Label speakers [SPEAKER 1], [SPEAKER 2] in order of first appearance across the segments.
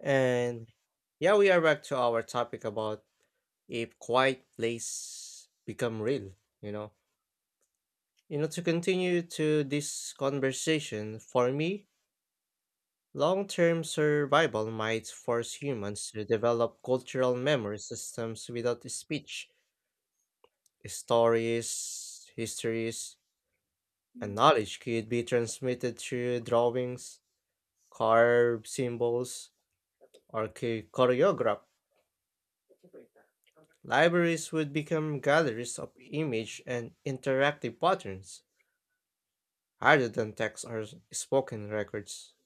[SPEAKER 1] And yeah, we are back to our topic about if quiet place become real, you know. To continue to this conversation, for me, long-term survival might force humans to develop cultural memory systems without speech. Stories, histories, and knowledge could be transmitted through drawings, carved symbols, or choreograph. Libraries would become galleries of image and interactive patterns, rather than text or spoken records.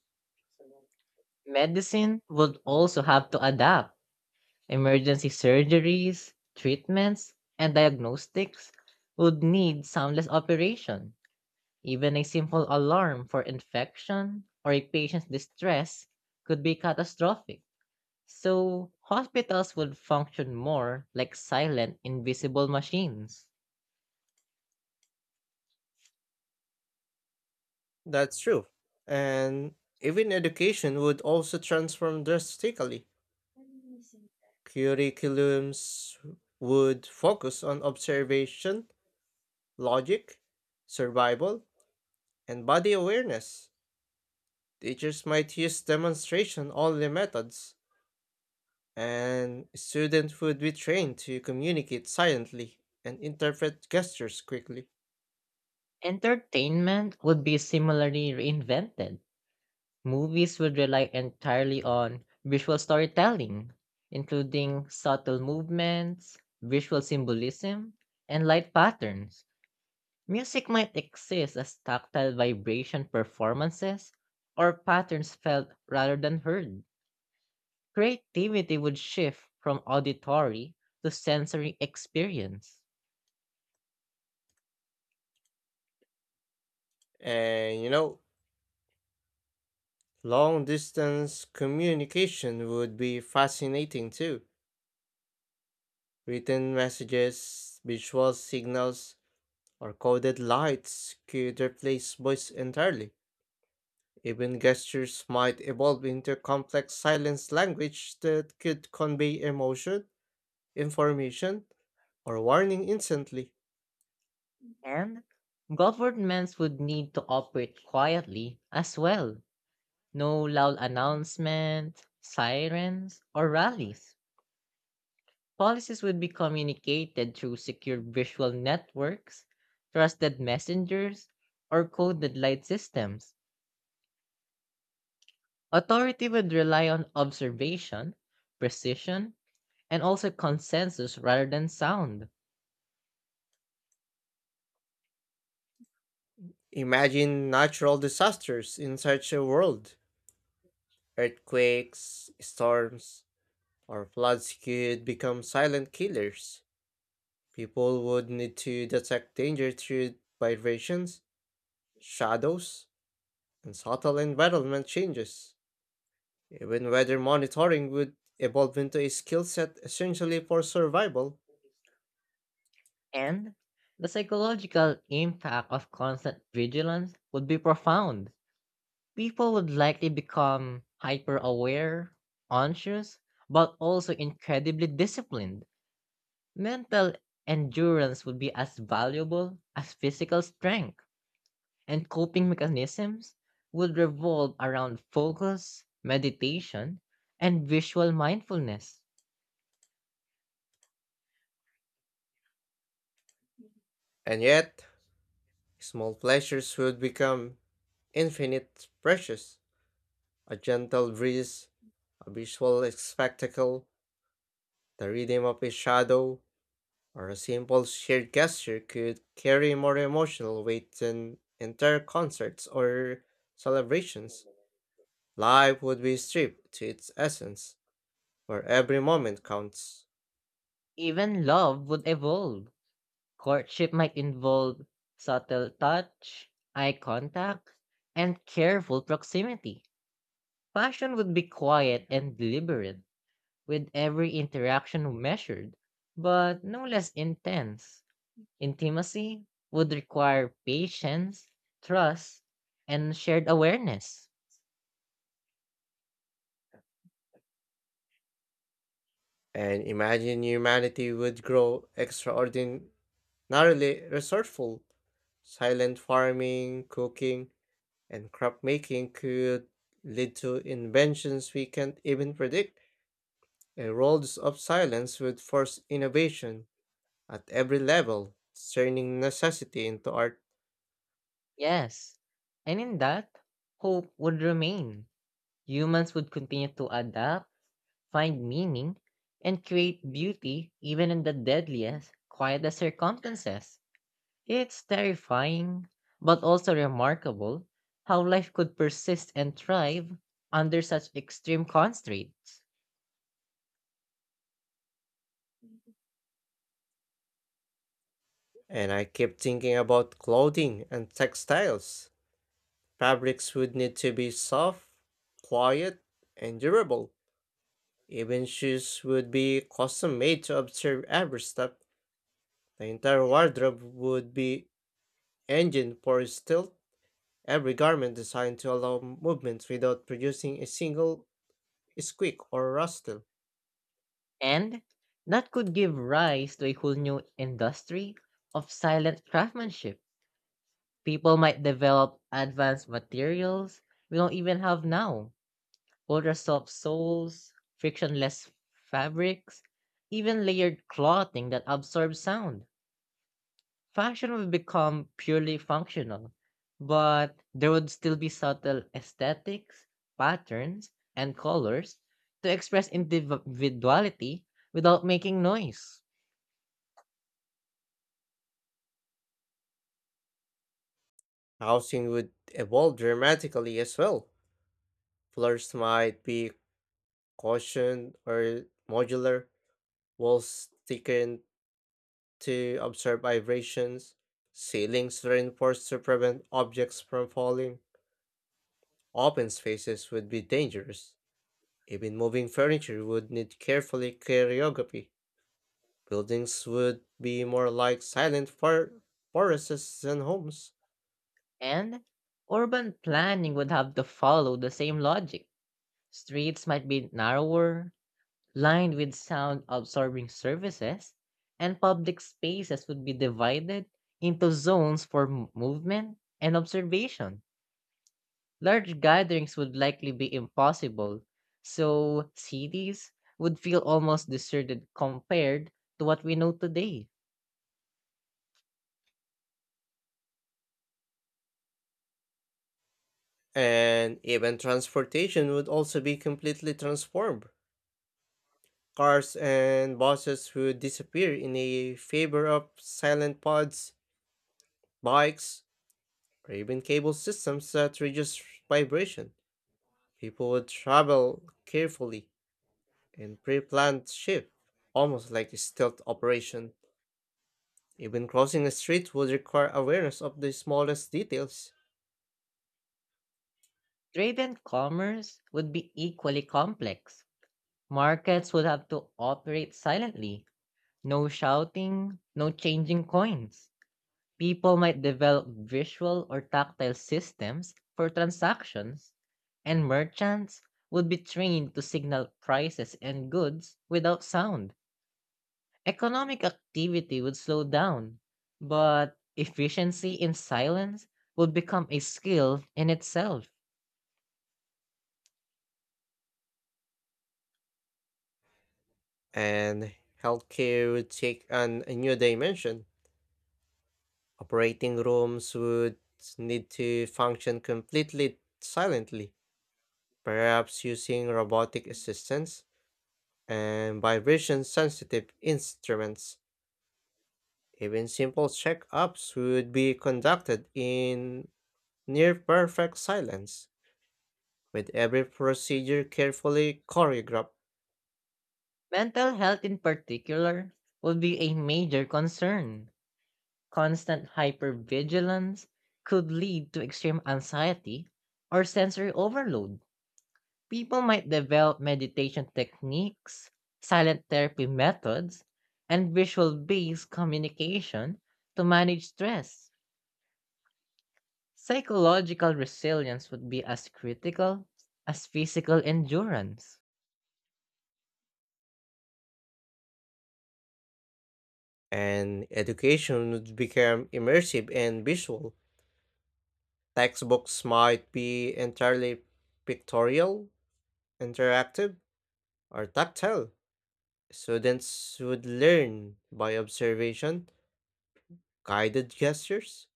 [SPEAKER 2] Medicine would also have to adapt. Emergency surgeries, treatments, and diagnostics would need soundless operation. Even a simple alarm for infection or a patient's distress could be catastrophic. So, hospitals would function more like silent, invisible machines.
[SPEAKER 1] That's true. And even education would also transform drastically. Curriculums would focus on observation, logic, survival, and body awareness. Teachers might use demonstration only methods. And students would be trained to communicate silently and interpret gestures quickly.
[SPEAKER 2] Entertainment would be similarly reinvented. Movies would rely entirely on visual storytelling, including subtle movements, visual symbolism, and light patterns. Music might exist as tactile vibration performances or patterns felt rather than heard. Creativity would shift from auditory to sensory experience.
[SPEAKER 1] And you know, Long distance communication would be fascinating too. Written messages, visual signals, or coded lights could replace voice entirely. Even gestures might evolve into complex silence language that could convey emotion, information, or warning instantly.
[SPEAKER 2] And governments would need to operate quietly as well. No loud announcement, sirens, or rallies. Policies would be communicated through secure visual networks, trusted messengers, or coded light systems. Authority would rely on observation, precision, and also consensus rather than sound.
[SPEAKER 1] Imagine natural disasters in such a world. Earthquakes, storms, or floods could become silent killers. People would need to detect danger through vibrations, shadows, and subtle environment changes. Even weather monitoring would evolve into a skill set essentially for survival.
[SPEAKER 2] And the psychological impact of constant vigilance would be profound. People would likely become hyper aware, conscious, but also incredibly disciplined. Mental endurance would be as valuable as physical strength, and coping mechanisms would revolve around focus, meditation, and visual mindfulness.
[SPEAKER 1] And yet, small pleasures would become infinite precious. A gentle breeze, a visual spectacle, the rhythm of a shadow, or a simple shared gesture could carry more emotional weight than entire concerts or celebrations. Life would be stripped to its essence, where every moment counts.
[SPEAKER 2] Even love would evolve. Courtship might involve subtle touch, eye contact, and careful proximity. Passion would be quiet and deliberate, with every interaction measured, but no less intense. Intimacy would require patience, trust, and shared awareness.
[SPEAKER 1] And imagine humanity would grow extraordinarily resourceful. Silent farming, cooking, and crop making could lead to inventions we can't even predict. A world of silence would force innovation at every level, turning necessity into art.
[SPEAKER 2] Yes, and in that, hope would remain. Humans would continue to adapt, find meaning, and create beauty even in the deadliest, quietest circumstances. It's terrifying, but also remarkable how life could persist and thrive under such extreme constraints.
[SPEAKER 1] And I keep thinking about clothing and textiles. Fabrics would need to be soft, quiet, and durable. Even shoes would be custom made to observe every step. The entire wardrobe would be engine for stealth. Every garment designed to allow movement without producing a single squeak or rustle.
[SPEAKER 2] And that could give rise to a whole new industry of silent craftsmanship. People might develop advanced materials we don't even have now, ultra soft soles, frictionless fabrics, even layered clothing that absorbs sound. Fashion would become purely functional, but there would still be subtle aesthetics, patterns, and colors to express individuality without making noise.
[SPEAKER 1] Housing would evolve dramatically as well. Floors might be caution, or modular, walls thickened to absorb vibrations, ceilings reinforced to prevent objects from falling. Open spaces would be dangerous. Even moving furniture would need carefully choreography. Buildings would be more like silent forests than homes.
[SPEAKER 2] And urban planning would have to follow the same logic. Streets might be narrower, lined with sound absorbing surfaces, and public spaces would be divided into zones for movement and observation. Large gatherings would likely be impossible, so cities would feel almost deserted compared to what we know today.
[SPEAKER 1] And even transportation would also be completely transformed. Cars and buses would disappear in a favor of silent pods, bikes, or even cable systems that reduce vibration. People would travel carefully and pre-planned shift, almost like a stealth operation. Even crossing a street would require awareness of the smallest details,
[SPEAKER 2] Trade and commerce would be equally complex. Markets would have to operate silently, no shouting, no changing coins. People might develop visual or tactile systems for transactions, and merchants would be trained to signal prices and goods without sound. Economic activity would slow down, but efficiency in silence would become a skill in itself.
[SPEAKER 1] and healthcare would take on a new dimension. Operating rooms would need to function completely silently, perhaps using robotic assistance and vibration sensitive instruments. Even simple checkups would be conducted in near perfect silence, with every procedure carefully choreographed,
[SPEAKER 2] Mental health, in particular, would be a major concern. Constant hypervigilance could lead to extreme anxiety or sensory overload. People might develop meditation techniques, silent therapy methods, and visual based communication to manage stress. Psychological resilience would be as critical as physical endurance.
[SPEAKER 1] and education would become immersive and visual. Textbooks might be entirely pictorial, interactive, or tactile. Students would learn by observation, guided gestures,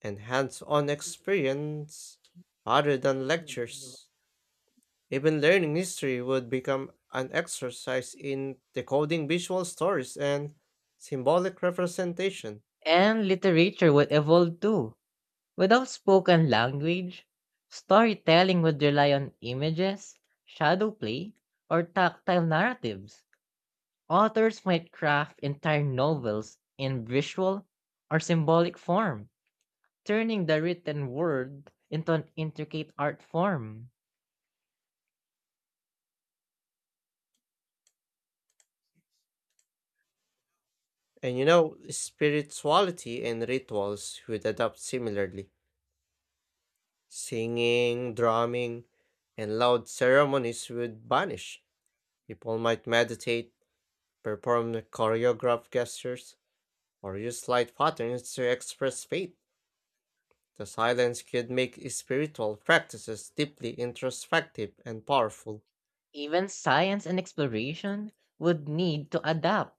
[SPEAKER 1] and hands on experience rather than lectures. Even learning history would become an exercise in decoding visual stories and symbolic representation.
[SPEAKER 2] And literature would evolve too. Without spoken language, storytelling would rely on images, shadow play, or tactile narratives. Authors might craft entire novels in visual or symbolic form, turning the written word into an intricate art form.
[SPEAKER 1] Spirituality and rituals would adapt similarly. Singing, drumming, and loud ceremonies would vanish. People might meditate, perform choreographed gestures, or use light patterns to express faith. The silence could make spiritual practices deeply introspective and powerful.
[SPEAKER 2] Even science and exploration would need to adapt.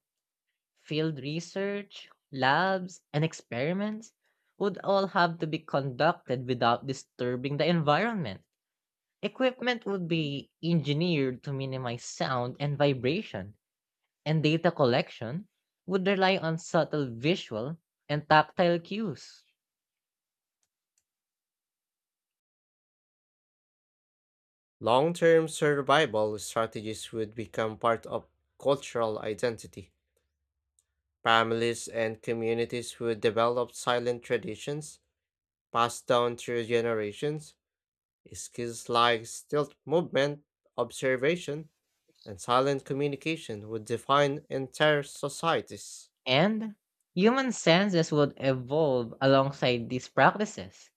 [SPEAKER 2] Field research, labs, and experiments would all have to be conducted without disturbing the environment. Equipment would be engineered to minimize sound and vibration, and data collection would rely on subtle visual and tactile cues.
[SPEAKER 1] Long term survival strategies would become part of cultural identity. Families and communities would develop silent traditions passed down through generations. Skills like stealth movement, observation, and silent communication would define entire societies.
[SPEAKER 2] And human senses would evolve alongside these practices.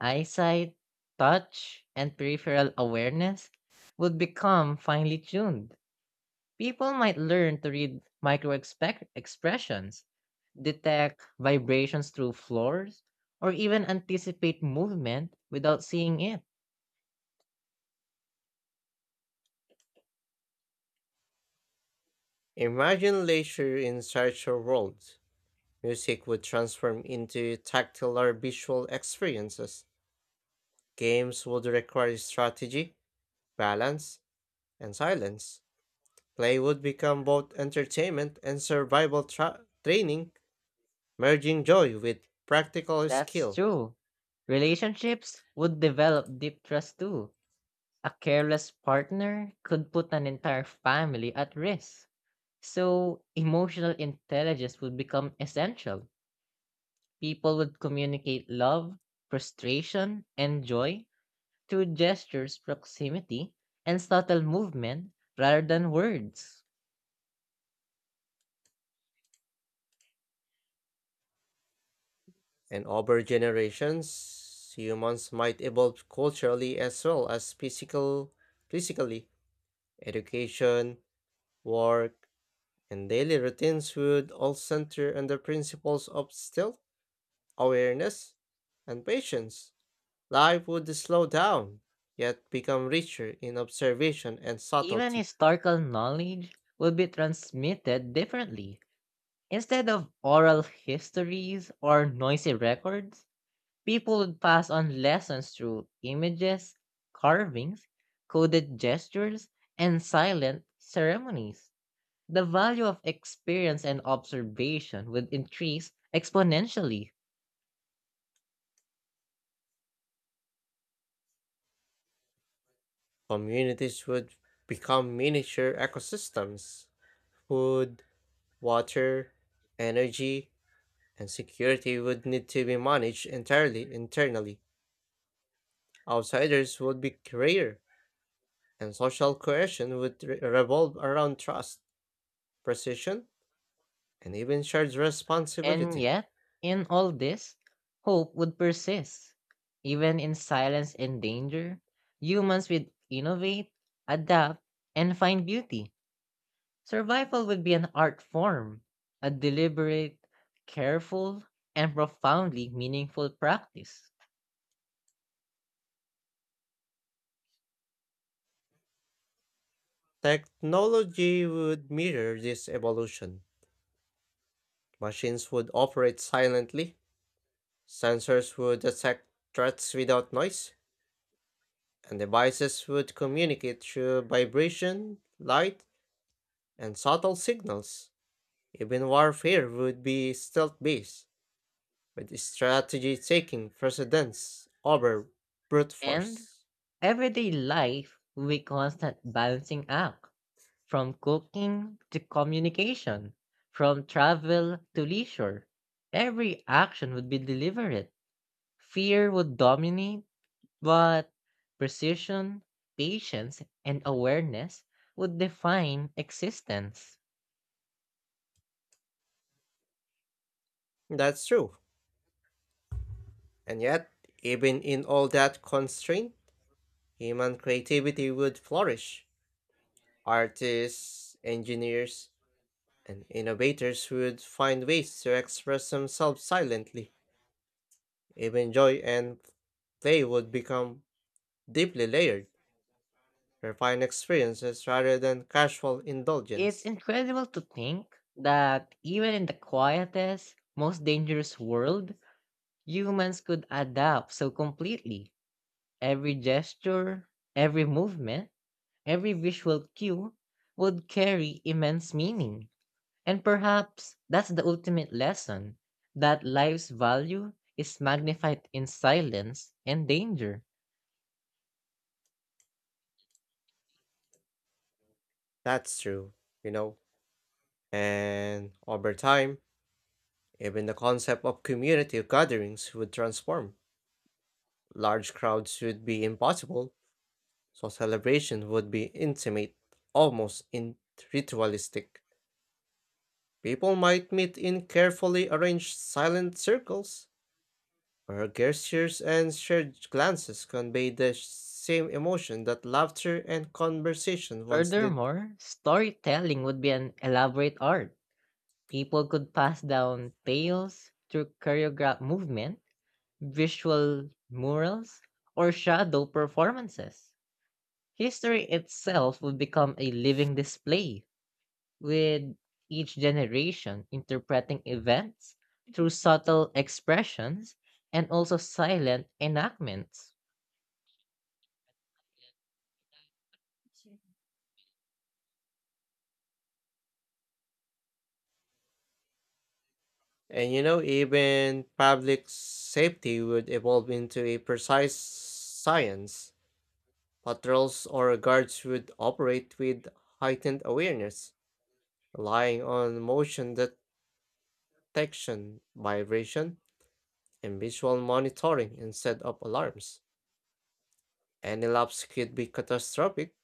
[SPEAKER 2] Eyesight, touch, and peripheral awareness would become finely tuned. People might learn to read expressions, detect vibrations through floors, or even anticipate movement without seeing it.
[SPEAKER 1] Imagine leisure in such a world. Music would transform into tactile or visual experiences. Games would require strategy, balance, and silence, play would become both entertainment and survival training, merging joy with practical
[SPEAKER 2] That's
[SPEAKER 1] skill.
[SPEAKER 2] true. Relationships would develop deep trust too. A careless partner could put an entire family at risk. So, emotional intelligence would become essential. People would communicate love, frustration, and joy through gestures, proximity, and subtle movement rather than words.
[SPEAKER 1] And over generations, humans might evolve culturally as well as physically. Education, work, and daily routines would all center on the principles of stealth, awareness, and patience. Life would slow down, yet become richer in observation and
[SPEAKER 2] Even
[SPEAKER 1] subtlety.
[SPEAKER 2] historical knowledge will be transmitted differently. Instead of oral histories or noisy records, people would pass on lessons through images, carvings, coded gestures, and silent ceremonies. The value of experience and observation would increase exponentially.
[SPEAKER 1] Communities would become miniature ecosystems. Food, water, energy, and security would need to be managed entirely internally. Outsiders would be rare, and social cohesion would revolve around trust, precision, and even shared
[SPEAKER 2] And
[SPEAKER 1] responsibility.
[SPEAKER 2] yet, in all this, hope would persist. Even in silence and danger, humans would innovate, adapt, and find beauty. Survival would be an art form, a deliberate, careful, and profoundly meaningful practice.
[SPEAKER 1] Technology would mirror this evolution. Machines would operate silently, sensors would detect threats without noise, and devices would communicate through vibration, light, and subtle signals. Even warfare would be stealth based, with strategy taking precedence over brute
[SPEAKER 2] And
[SPEAKER 1] force.
[SPEAKER 2] everyday life would be constant balancing act, from cooking to communication, from travel to leisure. Every action would be deliberate. Fear would dominate, but precision, patience, and awareness would define existence.
[SPEAKER 1] That's true. And yet, even in all that constraint, human creativity would flourish. Artists, engineers, and innovators would find ways to express themselves silently. Even joy and play would become deeply layered, refined experiences rather than casual
[SPEAKER 2] It's
[SPEAKER 1] indulgence.
[SPEAKER 2] incredible to think that even in the quietest, most dangerous world, humans could adapt so completely. Every gesture, every movement, every visual cue would carry immense meaning. And perhaps that's the ultimate lesson that life's value is magnified in silence and danger.
[SPEAKER 1] That's true, you know. And over time, even the concept of community gatherings would transform. Large crowds would be impossible, so celebration would be intimate, almost in ritualistic. People might meet in carefully arranged silent circles, where gestures and shared glances convey the same emotion that laughter and conversation once did.
[SPEAKER 2] Furthermore, storytelling would be an elaborate art. People could pass down tales through choreographed movement, visual murals, or shadow performances. History itself would become a living display, with each generation interpreting events through subtle expressions and also silent enactments.
[SPEAKER 1] Even public safety would evolve into a precise science. Patrols or guards would operate with heightened awareness, relying on motion detection, vibration, and visual monitoring instead of alarms. Any lapse could be catastrophic,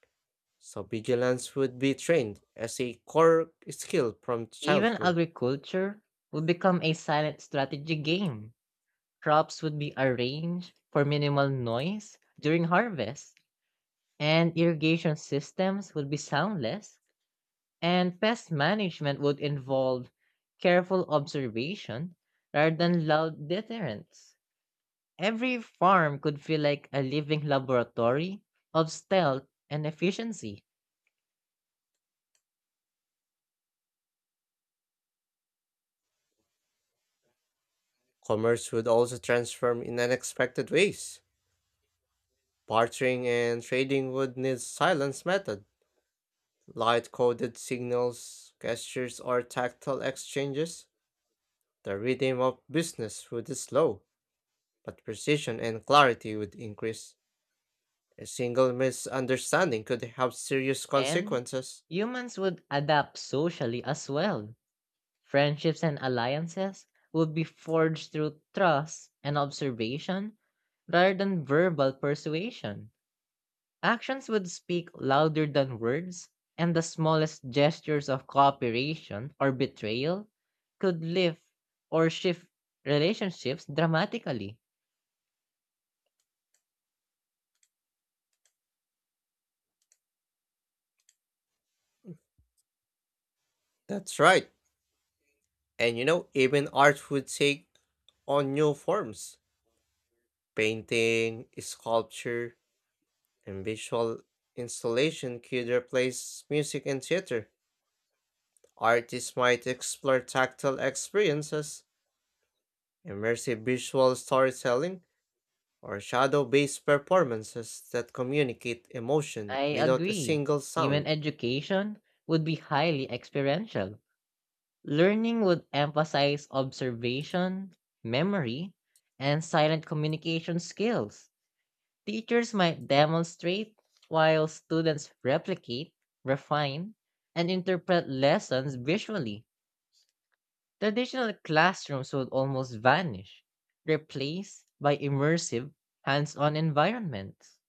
[SPEAKER 1] so vigilance would be trained as a core skill from
[SPEAKER 2] Even
[SPEAKER 1] childhood.
[SPEAKER 2] agriculture would become a silent strategy game. Crops would be arranged for minimal noise during harvest, and irrigation systems would be soundless, and pest management would involve careful observation rather than loud deterrence. Every farm could feel like a living laboratory of stealth and efficiency,
[SPEAKER 1] Commerce would also transform in unexpected ways. Bartering and trading would need silence method, light-coded signals, gestures, or tactile exchanges. The rhythm of business would slow, but precision and clarity would increase. A single misunderstanding could have serious
[SPEAKER 2] and
[SPEAKER 1] consequences.
[SPEAKER 2] humans would adapt socially as well. Friendships and alliances would be forged through trust and observation rather than verbal persuasion. Actions would speak louder than words, and the smallest gestures of cooperation or betrayal could lift or shift relationships dramatically.
[SPEAKER 1] That's right. Even art would take on new forms. Painting, sculpture, and visual installation could replace music and theater. Artists might explore tactile experiences, immersive visual storytelling, or shadow based performances that communicate emotion
[SPEAKER 2] I
[SPEAKER 1] without a
[SPEAKER 2] agree.
[SPEAKER 1] single
[SPEAKER 2] Even
[SPEAKER 1] sound.
[SPEAKER 2] education would be highly experiential. Learning would emphasize observation, memory, and silent communication skills. Teachers might demonstrate while students replicate, refine, and interpret lessons visually. Traditional classrooms would almost vanish, replaced by immersive, hands on environments.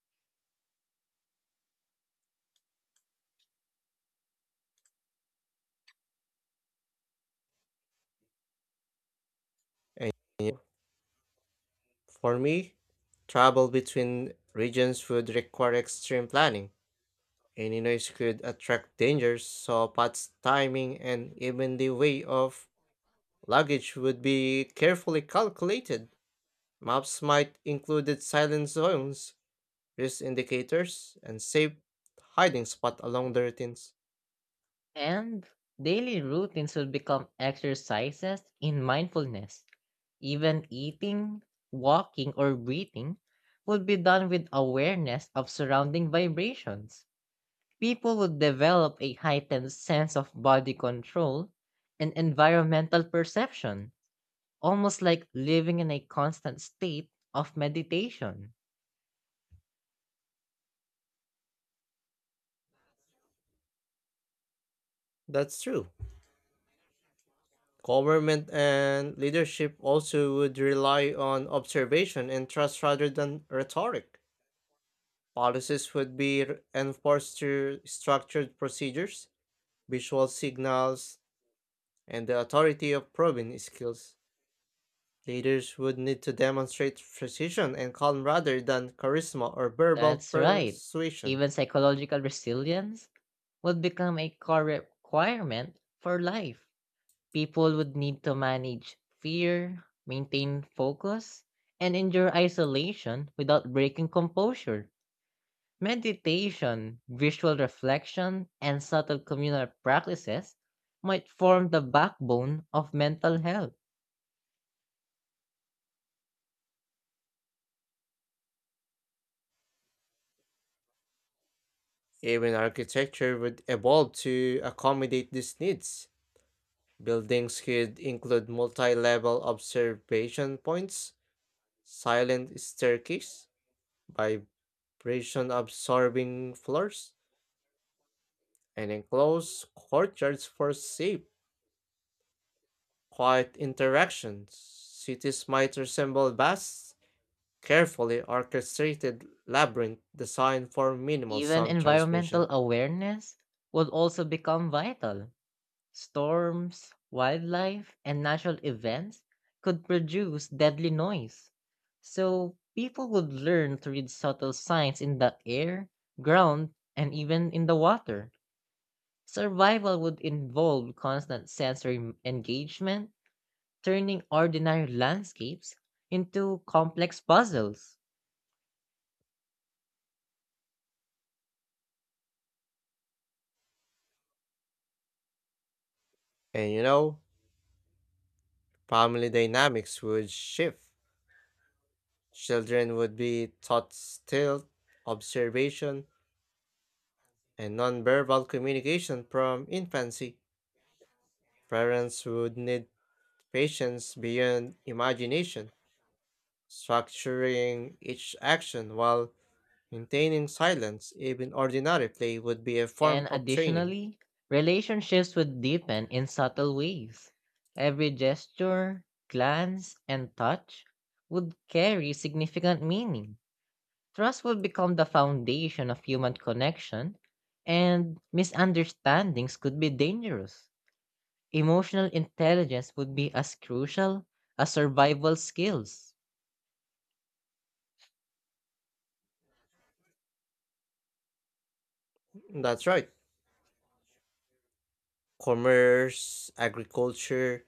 [SPEAKER 1] And for me, travel between regions would require extreme planning. Any noise could attract dangers, so paths, timing, and even the way of luggage would be carefully calculated. Maps might include silent zones, risk indicators, and safe hiding spot along the routines.
[SPEAKER 2] And daily routines will become exercises in mindfulness. Even eating, walking, or breathing would be done with awareness of surrounding vibrations. People would develop a heightened sense of body control and environmental perception, almost like living in a constant state of meditation.
[SPEAKER 1] That's true. Government and leadership also would rely on observation and trust rather than rhetoric. Policies would be enforced through structured procedures, visual signals, and the authority of proven skills. Leaders would need to demonstrate precision and calm rather than charisma or verbal
[SPEAKER 2] That's right.
[SPEAKER 1] persuasion.
[SPEAKER 2] Even psychological resilience would become a core requirement for life. People would need to manage fear, maintain focus, and endure isolation without breaking composure. Meditation, visual reflection, and subtle communal practices might form the backbone of mental health.
[SPEAKER 1] Even architecture would evolve to accommodate these needs. Buildings could include multi level observation points, silent staircase, vibration absorbing floors, and enclosed courtyards for safe, quiet interactions. Cities might resemble vast, carefully orchestrated labyrinth designed for minimal
[SPEAKER 2] Even
[SPEAKER 1] sound
[SPEAKER 2] environmental
[SPEAKER 1] transmission.
[SPEAKER 2] awareness would also become vital. Storms, wildlife, and natural events could produce deadly noise. So people would learn to read subtle signs in the air, ground, and even in the water. Survival would involve constant sensory engagement, turning ordinary landscapes into complex puzzles.
[SPEAKER 1] And you know, Family dynamics would shift. Children would be taught stealth, observation, and nonverbal communication from infancy. Parents would need patience beyond imagination, structuring each action while maintaining silence. Even ordinary play would be a form
[SPEAKER 2] And
[SPEAKER 1] of training.
[SPEAKER 2] additionally, relationships would deepen in subtle ways. Every gesture, glance, and touch would carry significant meaning. Trust would become the foundation of human connection, and misunderstandings could be dangerous. Emotional intelligence would be as crucial as survival skills,
[SPEAKER 1] That's right. Commerce, agriculture,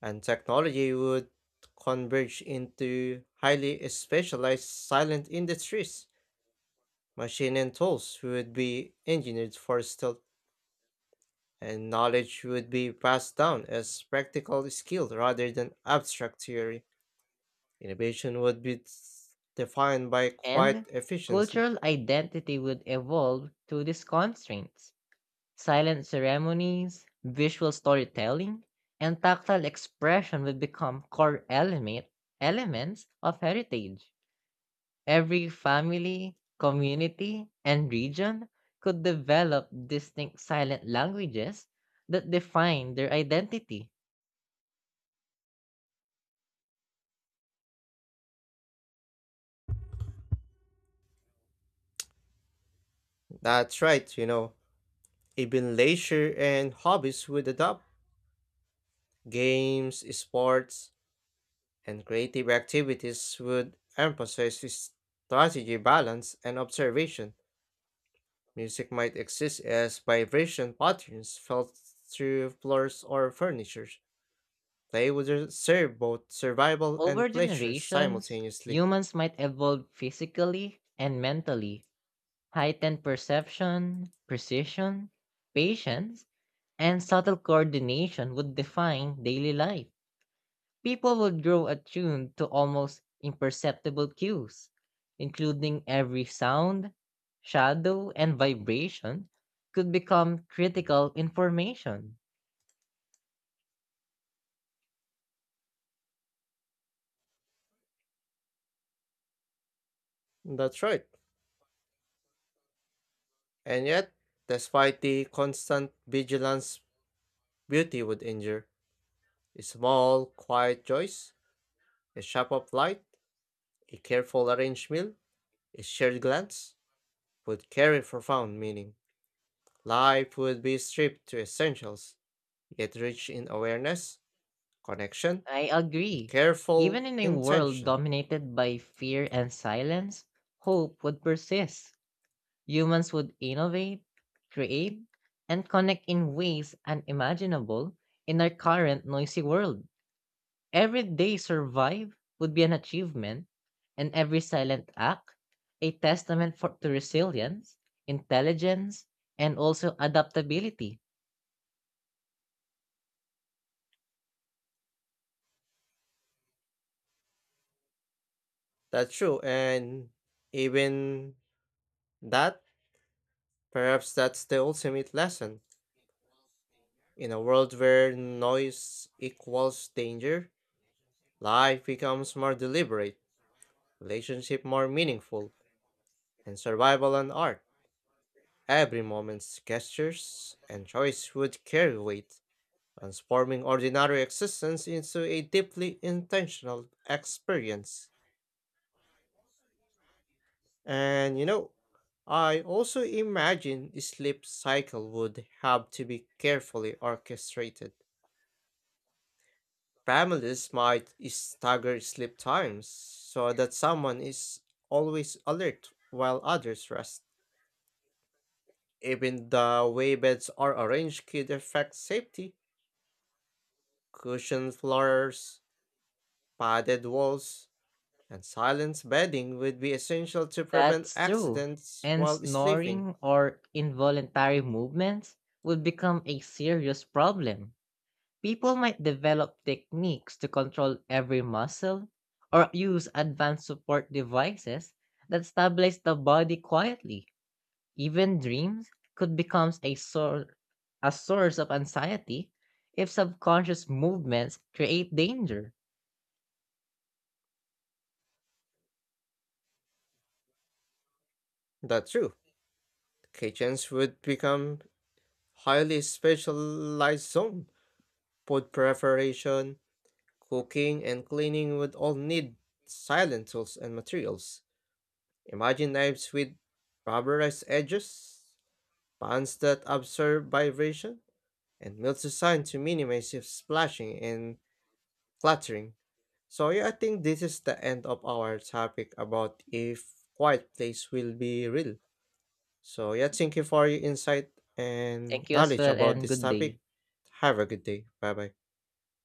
[SPEAKER 1] and technology would converge into highly specialized silent industries. Machine and tools would be engineered for stealth, and knowledge would be passed down as practical skill rather than abstract theory. Innovation would be defined by quiet
[SPEAKER 2] and
[SPEAKER 1] efficiency.
[SPEAKER 2] cultural identity would evolve through these constraints. Silent ceremonies, visual storytelling, and tactile expression will become elements of heritage. Every family, community, and region could develop distinct silent languages that define their identity.
[SPEAKER 1] That's right. Even leisure and hobbies would adapt. Games, sports, and creative activities would emphasize strategy, balance, and observation. Music might exist as vibration patterns felt through floors or furniture. They would serve both survival
[SPEAKER 2] Over
[SPEAKER 1] and pleasure
[SPEAKER 2] generations,
[SPEAKER 1] simultaneously.
[SPEAKER 2] humans might evolve physically and mentally, heightened perception, precision, patience, and subtle coordination would define daily life. People would grow attuned to almost imperceptible cues, including every sound, shadow, and vibration could become critical information.
[SPEAKER 1] That's right. And yet, despite the constant vigilance, beauty would endure. A small, quiet choice, a shape of light, a careful arranged meal, a shared glance would carry profound meaning. Life would be stripped to essentials, yet rich in awareness, connection,
[SPEAKER 2] I
[SPEAKER 1] with
[SPEAKER 2] agree. Even
[SPEAKER 1] careful
[SPEAKER 2] in a world
[SPEAKER 1] intention.
[SPEAKER 2] dominated by fear and silence, hope would persist. Humans would innovate, create, and connect in ways unimaginable in our current noisy world. Every day survive would be an achievement, and every silent act a testament for to resilience, intelligence, and also adaptability.
[SPEAKER 1] That's true, and even that, perhaps that's the ultimate lesson. In a world where noise equals danger, life becomes more deliberate, relationship more meaningful, and survival and art. Every moment's gestures and choice would carry weight, transforming ordinary existence into a deeply intentional experience. And you know, I also imagine the sleep cycle would have to be carefully orchestrated. Families might stagger sleep times so that someone is always alert while others rest. Even the way beds are arranged could affect safety. Cushioned floors, padded walls, and silent bedding would be essential to prevent
[SPEAKER 2] That's true.
[SPEAKER 1] accidents
[SPEAKER 2] And
[SPEAKER 1] while sleeping.
[SPEAKER 2] snoring or involuntary movements would become a serious problem. People might develop techniques to control every muscle or use advanced support devices that stabilize the body quietly. Even dreams could become a source of anxiety if subconscious movements create danger.
[SPEAKER 1] That's true. Kitchens would become highly specialized zone. Food preparation, cooking, and cleaning would all need silent tools and materials. Imagine knives with rubberized edges, pans that absorb vibration, and mills designed to minimize if splashing and clattering. So yeah, I think this is the end of our topic about if quiet place will be real. So yeah, thank you for your insight and
[SPEAKER 2] Thank you as
[SPEAKER 1] knowledge
[SPEAKER 2] well
[SPEAKER 1] about
[SPEAKER 2] and
[SPEAKER 1] this
[SPEAKER 2] good
[SPEAKER 1] topic.
[SPEAKER 2] day.
[SPEAKER 1] Have a good day. Bye bye.